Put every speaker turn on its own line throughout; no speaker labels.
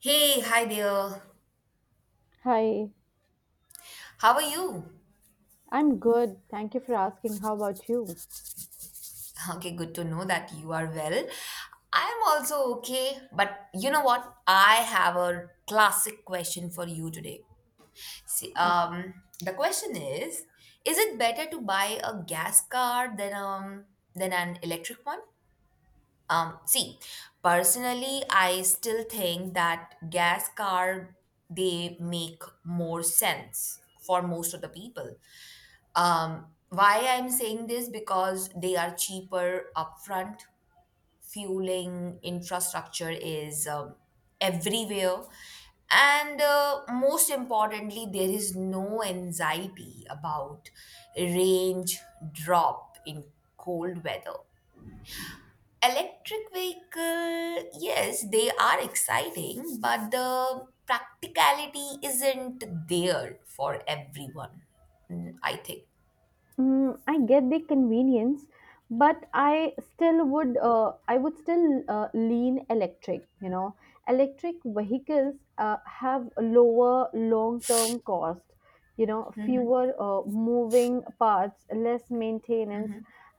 Hey, hi there.
Hi,
How are you?
I'm good. Thank you for asking. How about you?
Okay, good to know that you are well. I'm also okay, but you know what? I have a classic question for you today. See,
Okay.
the question is it better to buy a gas car than an electric one? See, personally, I still think that gas car they make more sense for most of the people. Why I'm saying this? Because they are cheaper upfront. Fueling infrastructure is everywhere, and most importantly, there is no anxiety about range drop in cold weather. Electric vehicle, yes, they are exciting, but the practicality isn't there for everyone. I think.
Mm, I get the convenience, but I would still lean electric. Electric vehicles have a lower long-term cost, fewer moving parts, less maintenance,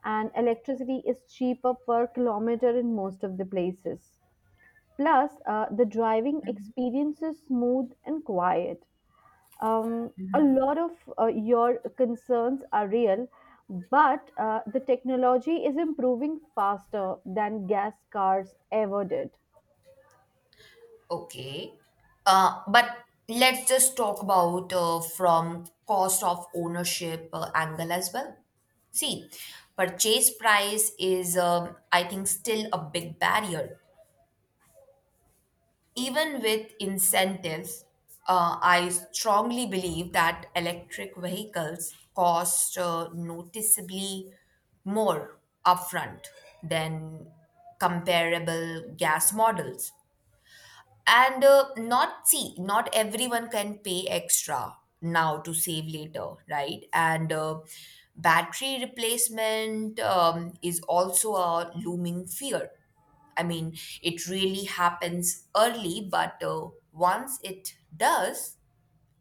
and electricity is cheaper per kilometer in most of the places. Plus, the driving experience is smooth and quiet. A lot of your concerns are real, but the technology is improving faster than gas cars ever did.
Okay. But let's just talk about from cost of ownership angle as well. See, purchase price is, I think, still a big barrier. Even with incentives, I strongly believe that electric vehicles cost noticeably more upfront than comparable gas models, and not see not everyone can pay extra now to save later, right? And battery replacement is also a looming fear. I mean, it really happens early, but once it does,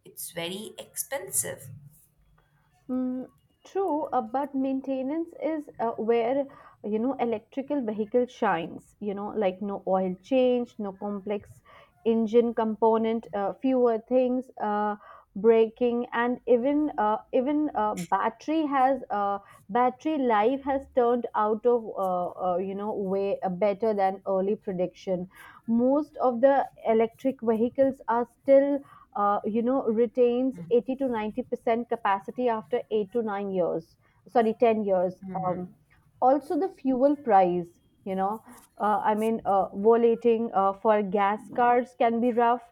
it's very expensive.
Mm, true, but maintenance is where electrical vehicle shines. Like no oil change, no complex engine component, fewer things, braking, and even battery life has turned out of way better than early prediction. Most of the electric vehicles are still retains 80 to 90% capacity after 8 to 9 years, sorry, 10 years. Um, Also, the fuel price, you know, I mean, volating for gas cars can be rough.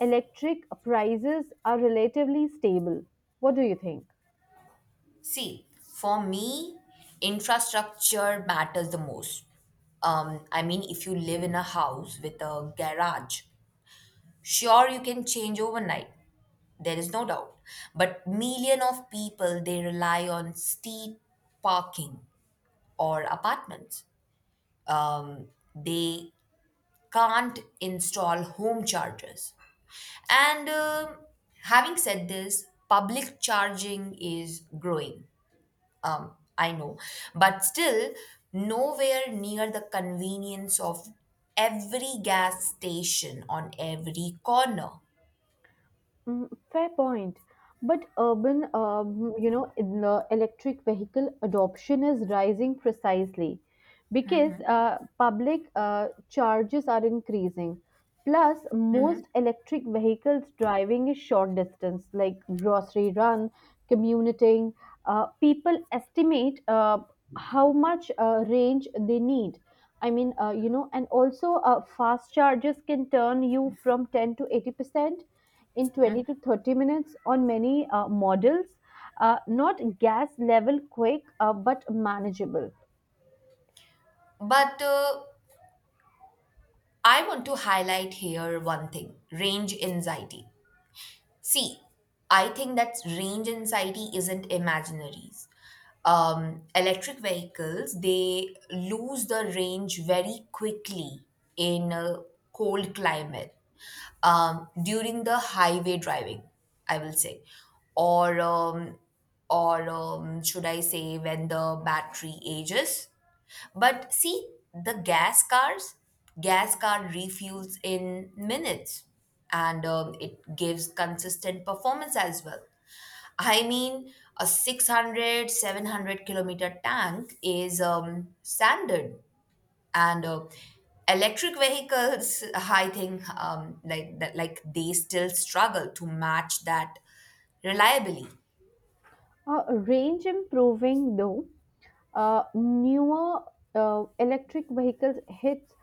Electric prices are relatively stable. What do you think?
See, for me, infrastructure matters the most. I mean, if you live in a house with a garage, sure, you can change overnight, there is no doubt. But million of people they rely on steep parking or apartments. Um, they can't install home chargers. And having said this, public charging is growing. I know, but still nowhere near the convenience of every gas station on every corner.
Mm, fair point. But urban, in the electric vehicle adoption is rising precisely because public charges are increasing. Plus,
Mhm.
most electric vehicles driving is short distance, like grocery run, commuting. People estimate how much range they need. I mean, and also fast charges can turn you from 10 to 80% in 20 to 30 minutes on many models. Not gas level quick, but manageable.
But I want to highlight here one thing, range anxiety. See, I think that range anxiety isn't imaginaries. Electric vehicles, they lose the range very quickly in a cold climate, during the highway driving, I will say. Or, um, or, should I say, when the battery ages? But see, the gas cars, gas car refuels in minutes and it gives consistent performance as well. I mean, a 600, 700 kilometer tank is standard, and electric vehicles, I think, like, that, like they still struggle to match that reliably.
Uh, Range improving though, newer electric vehicles hit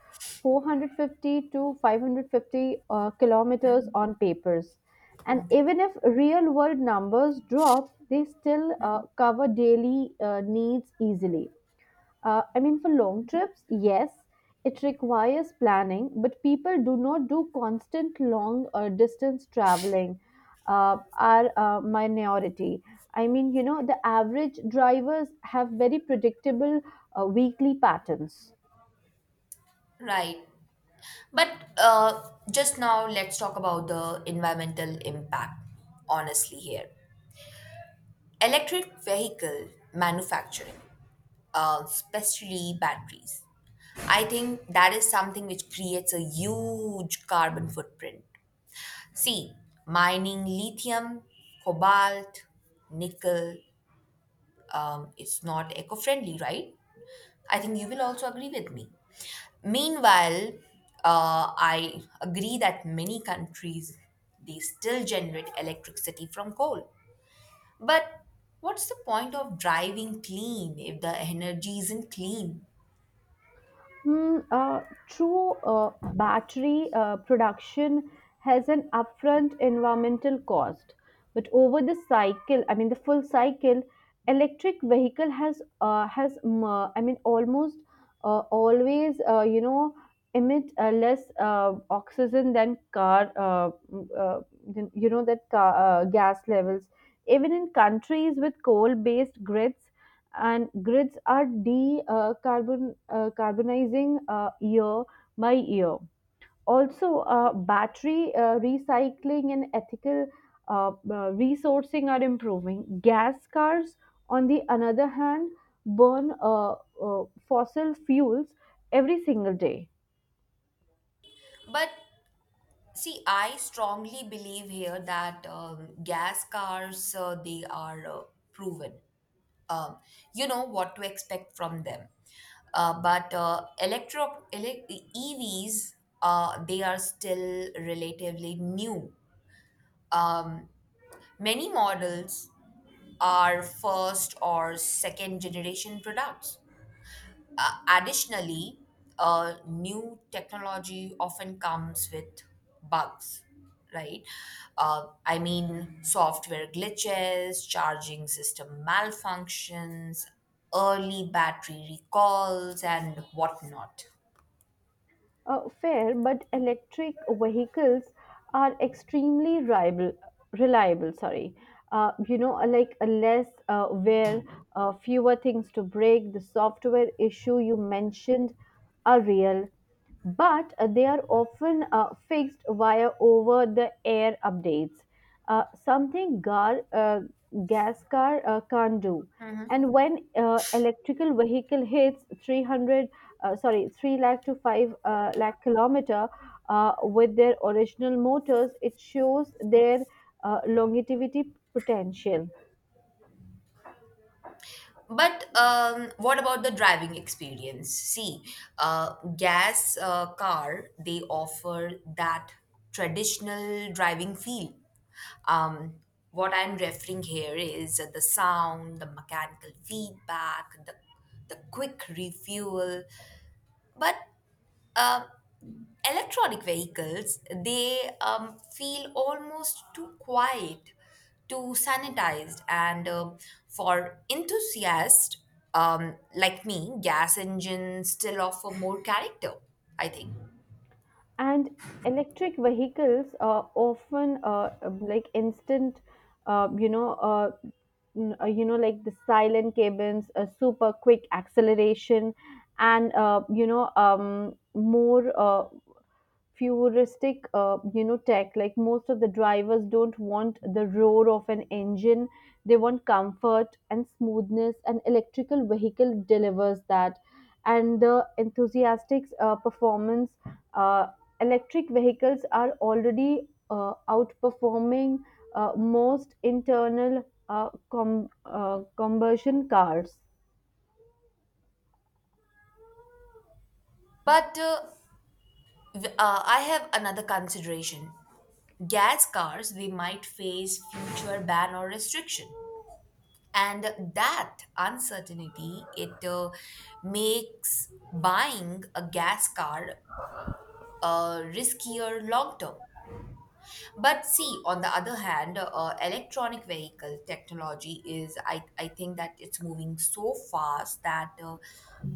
450 to 550 kilometers on papers. And
Okay.
even if real world numbers drop, they still cover daily needs easily. I mean, for long trips, yes, it requires planning, but people do not do constant long distance traveling, are a minority. I mean, the average drivers have very predictable weekly patterns.
Right. But uh, just now, let's talk about the environmental impact, honestly, here. Electric vehicle manufacturing, especially batteries, I think that is something which creates a huge carbon footprint. See, mining lithium, cobalt, nickel is not eco friendly, right? I think you will also agree with me. Meanwhile, I agree that many countries they still generate electricity from coal. But what's the point of driving clean if the energy isn't clean?
Mm, true battery production has an upfront environmental cost, but over the cycle, I mean the full cycle, electric vehicle has I mean almost always emit less oxygen than, that car, gas levels. Even in countries with coal-based grids and grids are de carbon carbonizing year by year. Also, battery recycling and ethical resourcing are improving. Gas cars, on the another hand, burn fossil fuels every single day.
But see, I strongly believe here that gas cars they are proven. Um, you know what to expect from them. Uh, but uh, electro ele- EVs, they are still relatively new. Um, many models are first or second generation products. Additionally, new technology often comes with bugs, right? I mean, software glitches, charging system malfunctions, early battery recalls, and whatnot.
Fair, but electric vehicles are extremely reliable. Reliable, sorry. Like less wear, fewer things to break. The software issue you mentioned are real, but they are often fixed via over the air updates, something gas car can't do. And when electrical vehicle hits 300, sorry, 3 lakh to 5 lakh kilometer with their original motors, it shows their longevity potential.
But what about the driving experience? See, gas car they offer that traditional driving feel. Um, what I'm referring here is the sound, the mechanical feedback, the quick refuel. But um electronic vehicles they feel almost too quiet, too sanitized, and for enthusiasts like me, gas engines still offer more character, I think.
And electric vehicles are often like instant uh, you know uh, like the silent cabins, a super quick acceleration, and more futuristic tech. Like most of the drivers don't want the roar of an engine. They want comfort and smoothness, and electrical vehicle delivers that. And the enthusiastic performance uh, electric vehicles are already outperforming most internal combustion cars.
But I have another consideration. Gas cars they might face future ban or restriction, and that uncertainty, it makes buying a gas car riskier long term. But see, on the other hand, electronic vehicle technology is, I think that it's moving so fast that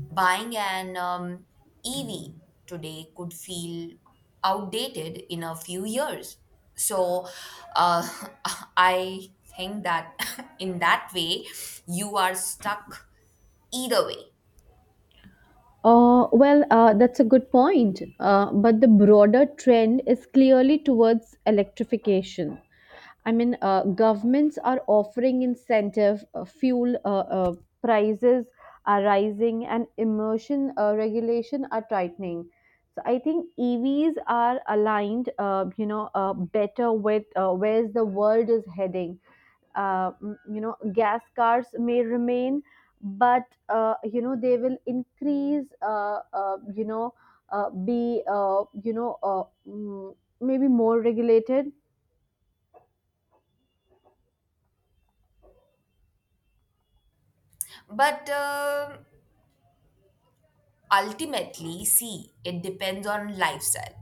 buying an EV today could feel outdated in a few years. So uh, I think that in that way, you are stuck either way.
Well, that's a good point. But the broader trend is clearly towards electrification. I mean, governments are offering incentive, fuel prices are rising, and emission regulation are tightening. So I think EVs are aligned, better with where the world is heading. You know, gas cars may remain, but you know they will increase be maybe more regulated.
But ultimately, see, it depends on lifestyle.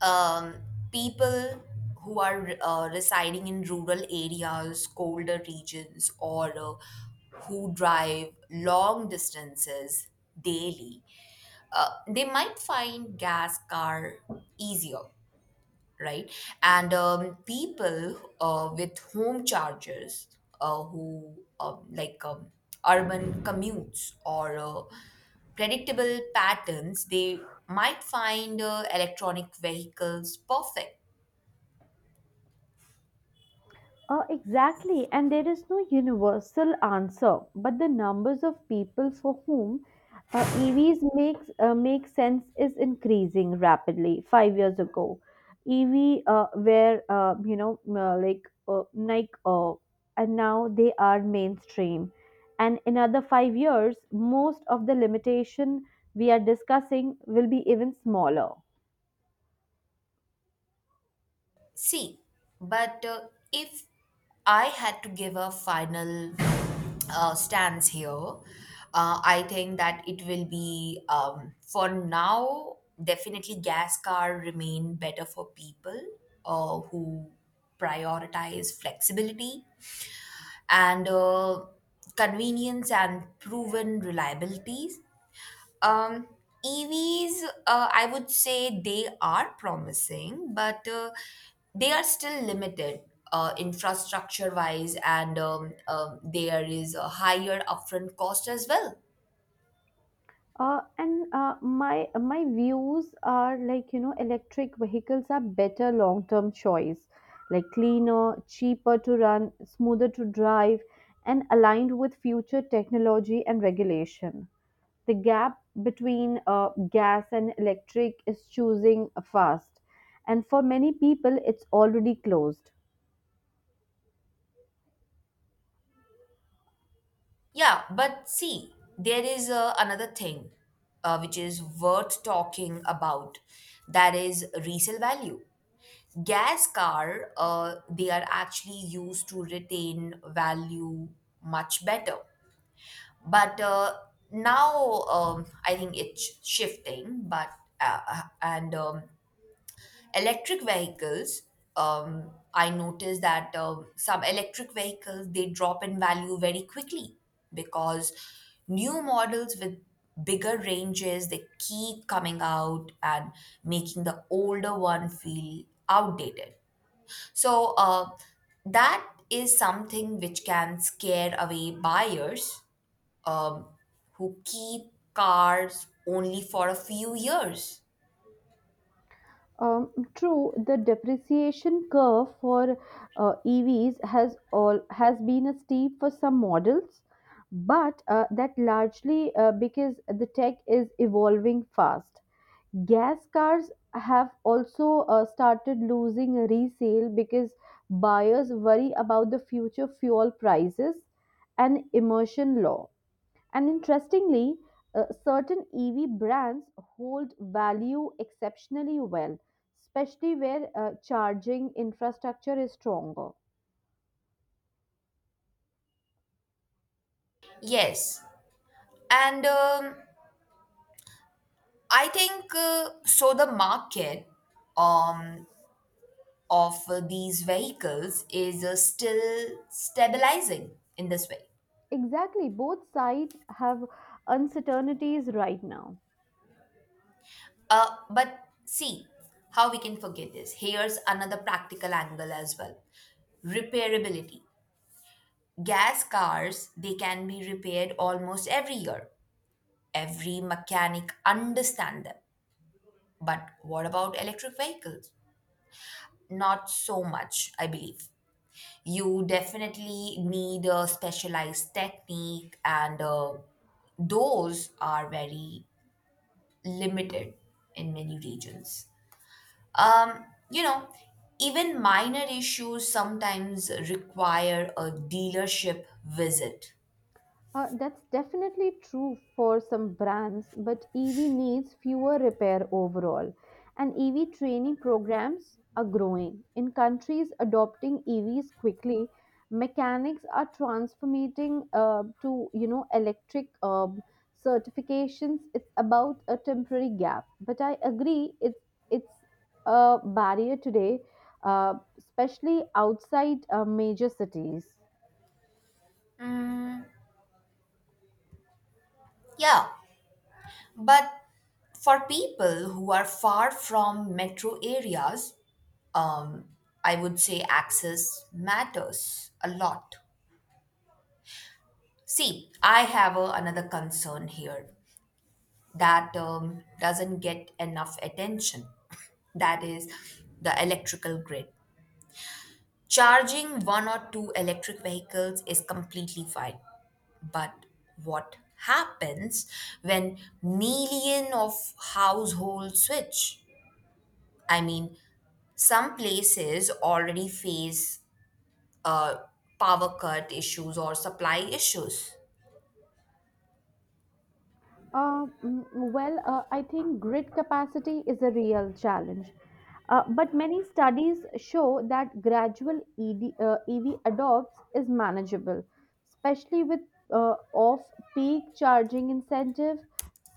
um, people who are residing in rural areas, colder regions, or who drive long distances daily, they might find gas car easier, right? And people with home chargers who urban commutes or predictable patterns, they might find electronic vehicles perfect.
Exactly, and there is no universal answer, but the numbers of people for whom EVs make sense is increasing rapidly. 5 years ago, EV were and now they are mainstream. And in another 5 years, most of the limitation we are discussing will be even smaller.
See, but if I had to give a final stance here, I think that it will be, for now, definitely gas car remain better for people who prioritize flexibility and convenience and proven reliability. um, EVs, I would say they are promising, but they are still limited infrastructure wise, and there is a higher upfront cost as well.
And my views are like electric vehicles are better long term choice, like cleaner, cheaper to run, smoother to drive, and aligned with future technology and regulation. The gap between gas and electric is choosing fast, and for many people it's already closed.
Yeah, but see, there is another thing which is worth talking about, that is resale value. Gas car, they are actually used to retain value much better, but now I think it's shifting, but and electric vehicles, I noticed that some electric vehicles they drop in value very quickly because new models with bigger ranges they keep coming out and making the older one feel outdated. So that is something which can scare away buyers um, who keep cars only for a few years.
True, the depreciation curve for EVs has been a steep for some models, but that largely because the tech is evolving fast. Gas cars have also started losing resale because buyers worry about the future fuel prices and emission law. And interestingly, certain EV brands hold value exceptionally well, especially where charging infrastructure is stronger.
Yes, and I think so. The market um, of these vehicles is still stabilizing in this way.
Exactly, both sides have uncertainties right now.
But see, how we can forget this? Here's another practical angle as well, repairability. Gas cars, they can be repaired almost every year. Every mechanic understand them. But what about electric vehicles? Not so much, I believe. You definitely need a specialized technique, and those are very limited in many regions. You know, even minor issues sometimes require a dealership visit.
That's definitely true for some brands, but EV needs fewer repair overall. And EV training programs are growing. In countries adopting EVs quickly, mechanics are transforming to electric certifications. It's about a temporary gap, but I agree it's a barrier today, especially outside major cities.
Yeah, but for people who are far from metro areas, um, I would say access matters a lot. See, I have a, another concern here that doesn't get enough attention. That is the electrical grid. Charging one or two electric vehicles is completely fine, but what happens when million of households switch? I mean, some places already face uh, power cut issues or supply issues.
Mm, I think grid capacity is a real challenge. But many studies show that gradual EV adopts is manageable, especially with off-peak charging incentive.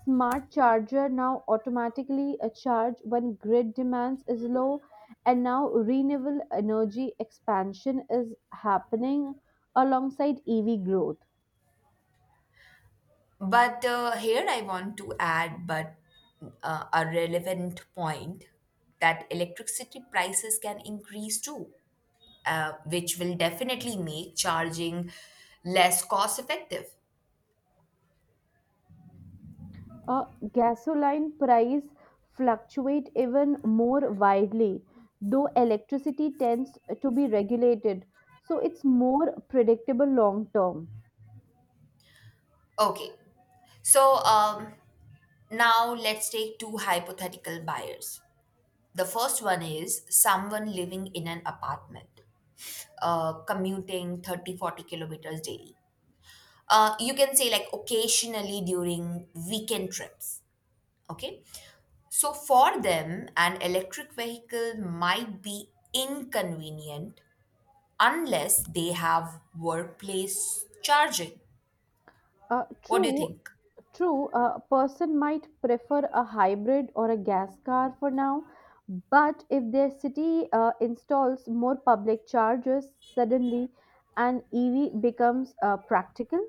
Smart charger now automatically charge when grid demands is low, and now renewable energy expansion is happening alongside EV growth.
But here I want to add, but a relevant point that electricity prices can increase too, which will definitely make charging less cost effective.
Uh, Gasoline price fluctuate even more widely, though electricity tends to be regulated, so it's more predictable long term.
Okay, so now let's take two hypothetical buyers. The first one is someone living in an apartment, commuting 30-40 kilometers daily. You can say like occasionally during weekend trips. Okay, so for them an electric vehicle might be inconvenient unless they have workplace charging.
Uh,
What do you
true,
think?
True, a person might prefer a hybrid or a gas car for now, but if their city installs more public chargers suddenly, an EV becomes practical.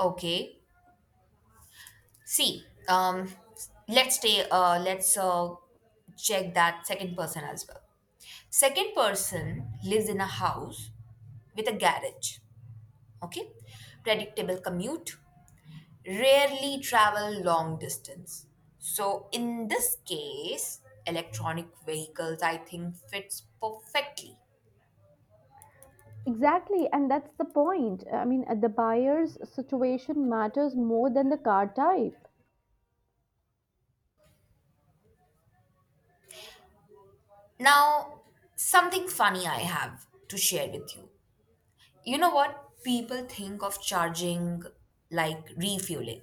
Okay, see, let's stay let's check that second person as well. Second person lives in a house with a garage. Okay, predictable commute, rarely travel long distance. So in this case, electronic vehicles I think fits perfectly.
Exactly, and that's the point. I mean, the buyer's situation matters more than the car type.
Now, something funny I have to share with you. You know what? People think of charging like refueling,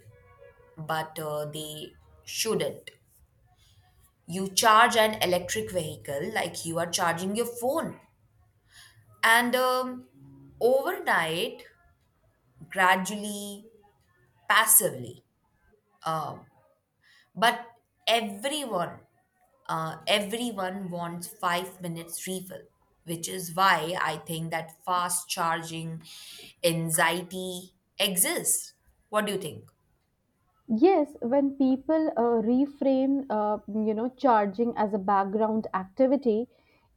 but they shouldn't. You charge an electric vehicle like you are charging your phone. And overnight, gradually, passively, um, but everyone, everyone wants 5 minutes refill, which is why I think that fast charging anxiety exists. What do you think?
Yes, when people reframe, charging as a background activity,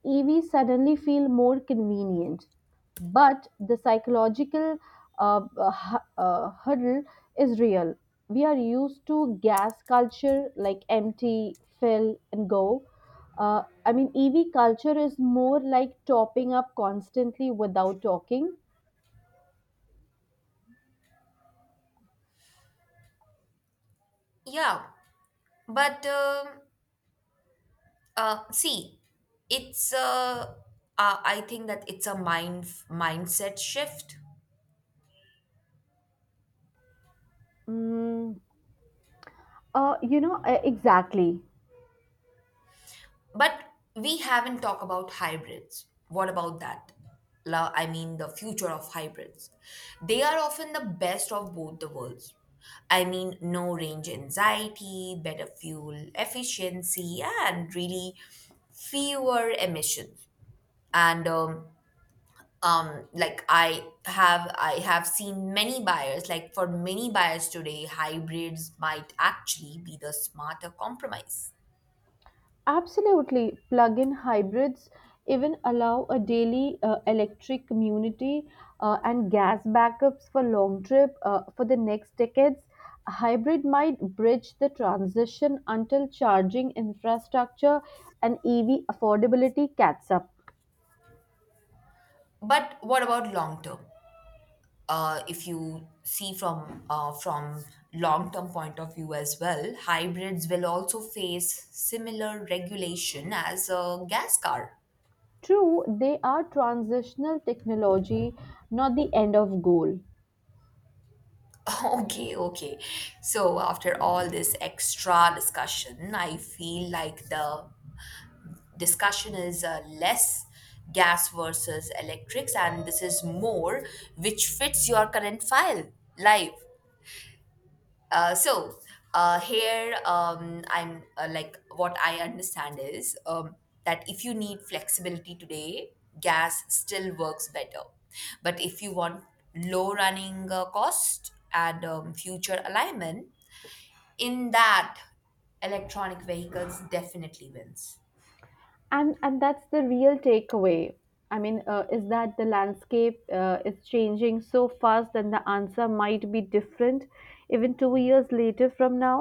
EV suddenly feel more convenient. But the psychological hurdle is real. We are used to gas culture like empty, fill, and go. I mean, EV culture is more like topping up constantly without talking.
Yeah, but see, it's I think that it's a mindset shift.
Mm, exactly.
But we haven't talked about hybrids. What about that? I mean, the future of hybrids. They are often the best of both the worlds. I mean, no range anxiety, better fuel efficiency, and really fewer emissions. And I have seen many buyers. Like for many buyers today, hybrids might actually be the smarter compromise.
Absolutely. Plug in hybrids even allow a daily electric community and gas backups for long trip for the next decades. A hybrid might bridge the transition until charging infrastructure and EV affordability catch up.
But what about long term? If you see from long term point of view as well, hybrids will also face similar regulation as a gas car.
True, they are transitional technology, not the end of goal.
Okay, okay. So after all this extra discussion, I feel like the discussion is less gas versus electrics, and this is more which fits your current file life. So here, I'm like what I understand is that if you need flexibility today, gas still works better. But if you want low running cost and future alignment, in that, electronic vehicles definitely wins.
And that's the real takeaway. I mean, is that the landscape is changing so fast, and the answer might be different even 2 years later from now.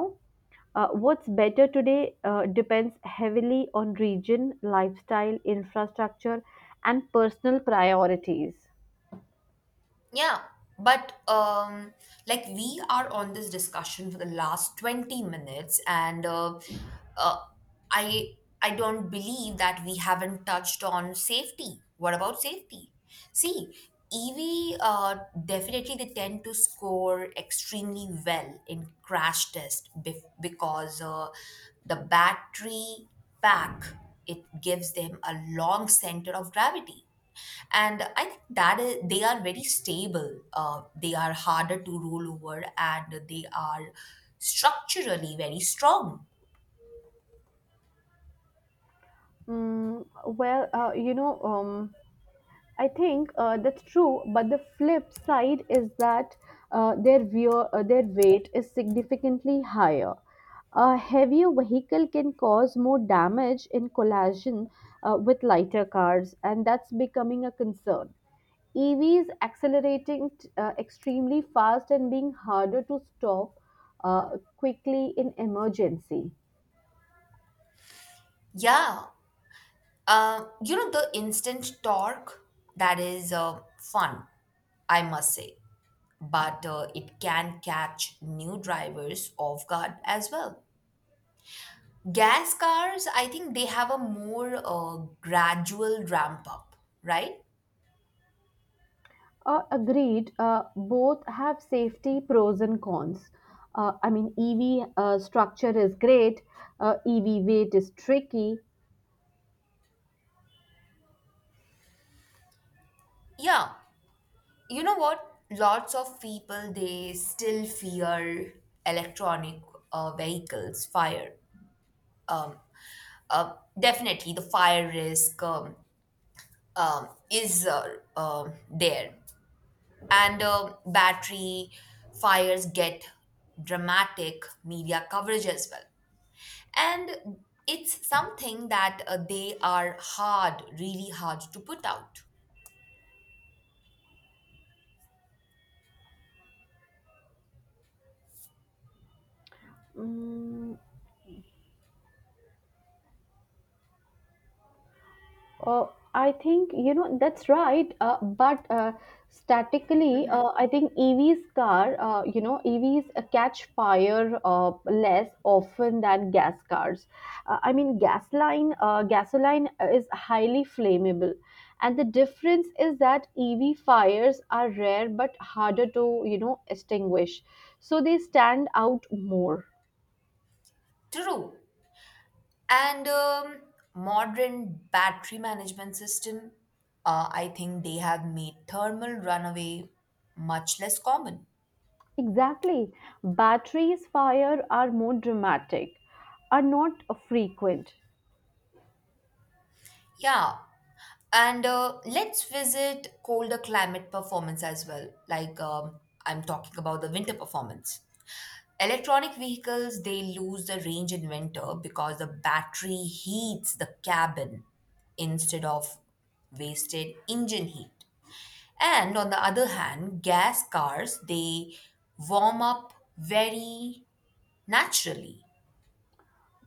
What's better today depends heavily on region lifestyle infrastructure and personal priorities.
Yeah, but like we are on this discussion for the last 20 minutes, and uh, I I don't believe that we haven't touched on safety. What about safety? See, EV, definitely they tend to score extremely well in crash test because the battery pack, it gives them a long center of gravity, and I think that is, they are very stable, they are harder to roll over, and they are structurally very strong.
Mm, I think that's true, but the flip side is that their weight is significantly higher. A heavier vehicle can cause more damage in collision with lighter cars, and that's becoming a concern. EVs accelerating extremely fast and being harder to stop quickly in emergency.
Yeah, you know the instant torque, that is fun, I must say, but it can catch new drivers off guard as well. Gas cars, I think, they have a more gradual ramp up, right?
Agreed. Both have safety pros and cons. I mean, EV structure is great. EV weight is tricky.
Yeah, you know what, lots of people they still fear electronic vehicles fire. um, definitely the fire risk is, there, and battery fires get dramatic media coverage as well, and it's something that they are hard, really hard to put out.
Mm. Uh, I think that's right. But Statically,
Hmm.
I think you know, EVs catch fire less often than gas cars. I mean, gasoline is highly flammable, and the difference is that EV fires are rare but harder to extinguish, so they stand out more.
True. And modern battery management system, I think they have made thermal runaway much less common.
Exactly. Batteries fire are more dramatic, are not frequent.
Yeah, and let's visit colder climate performance as well, like I'm talking about the winter performance. Electronic vehicles they lose the range in winter because the battery heats the cabin instead of wasted engine heat. And on the other hand, gas cars, they warm up very naturally.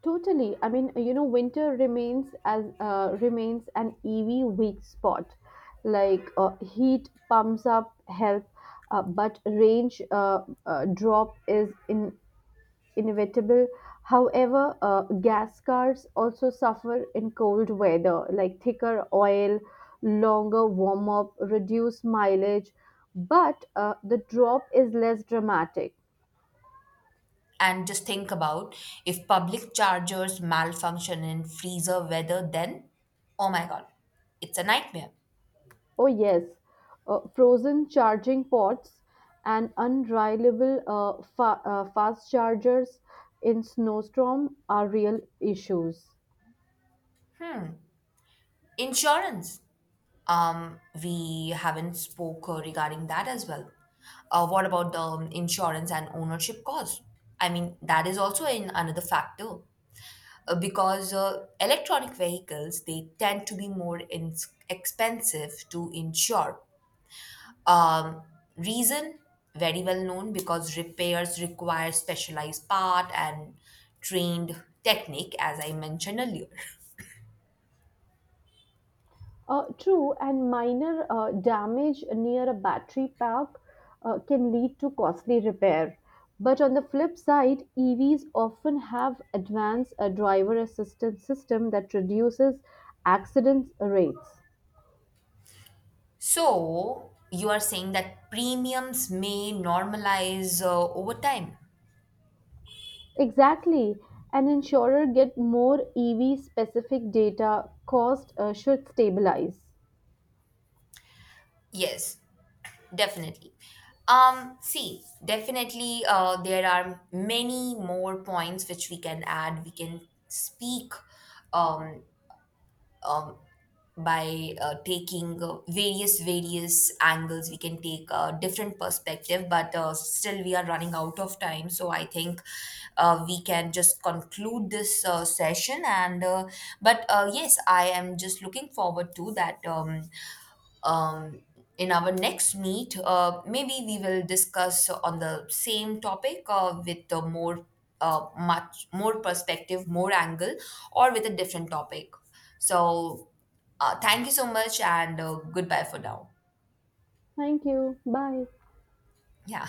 Totally. I mean, winter remains as remains an EV weak spot. Like heat pumps up help, but range drop is in inevitable. However, gas cars also suffer in cold weather, like thicker oil, longer warm up, reduced mileage, but the drop is less dramatic.
And just think about, if public chargers malfunction in freezer weather, then oh my God, it's a nightmare.
Oh, yes, frozen charging ports and unreliable fast chargers in snowstorm are real issues.
Insurance. We haven't spoke regarding that as well. What about the insurance and ownership cost? I mean, that is also in another factor. Because electronic vehicles they tend to be more expensive to insure, um, reason very well known because repairs require specialized part and trained technique as I mentioned earlier.
True, and minor damage near a battery pack can lead to costly repair. But on the flip side, EVs often have advanced driver assistance system that reduces accident rates.
So you are saying that premiums may normalize over time?
Exactly, an insurer get more EV specific data. Cost should stabilize.
Yes, definitely. See, definitely, there are many more points which we can add. We can speak um, um, by taking various angles. We can take a different perspective, but still we are running out of time. So I think we can just conclude this session. And But yes, I am just looking forward to that. Um, in our next meet, maybe we will discuss on the same topic with the more much more perspective, more angle, or with a different topic. So, thank you so much, and goodbye for now.
Thank you. Bye.
Yeah.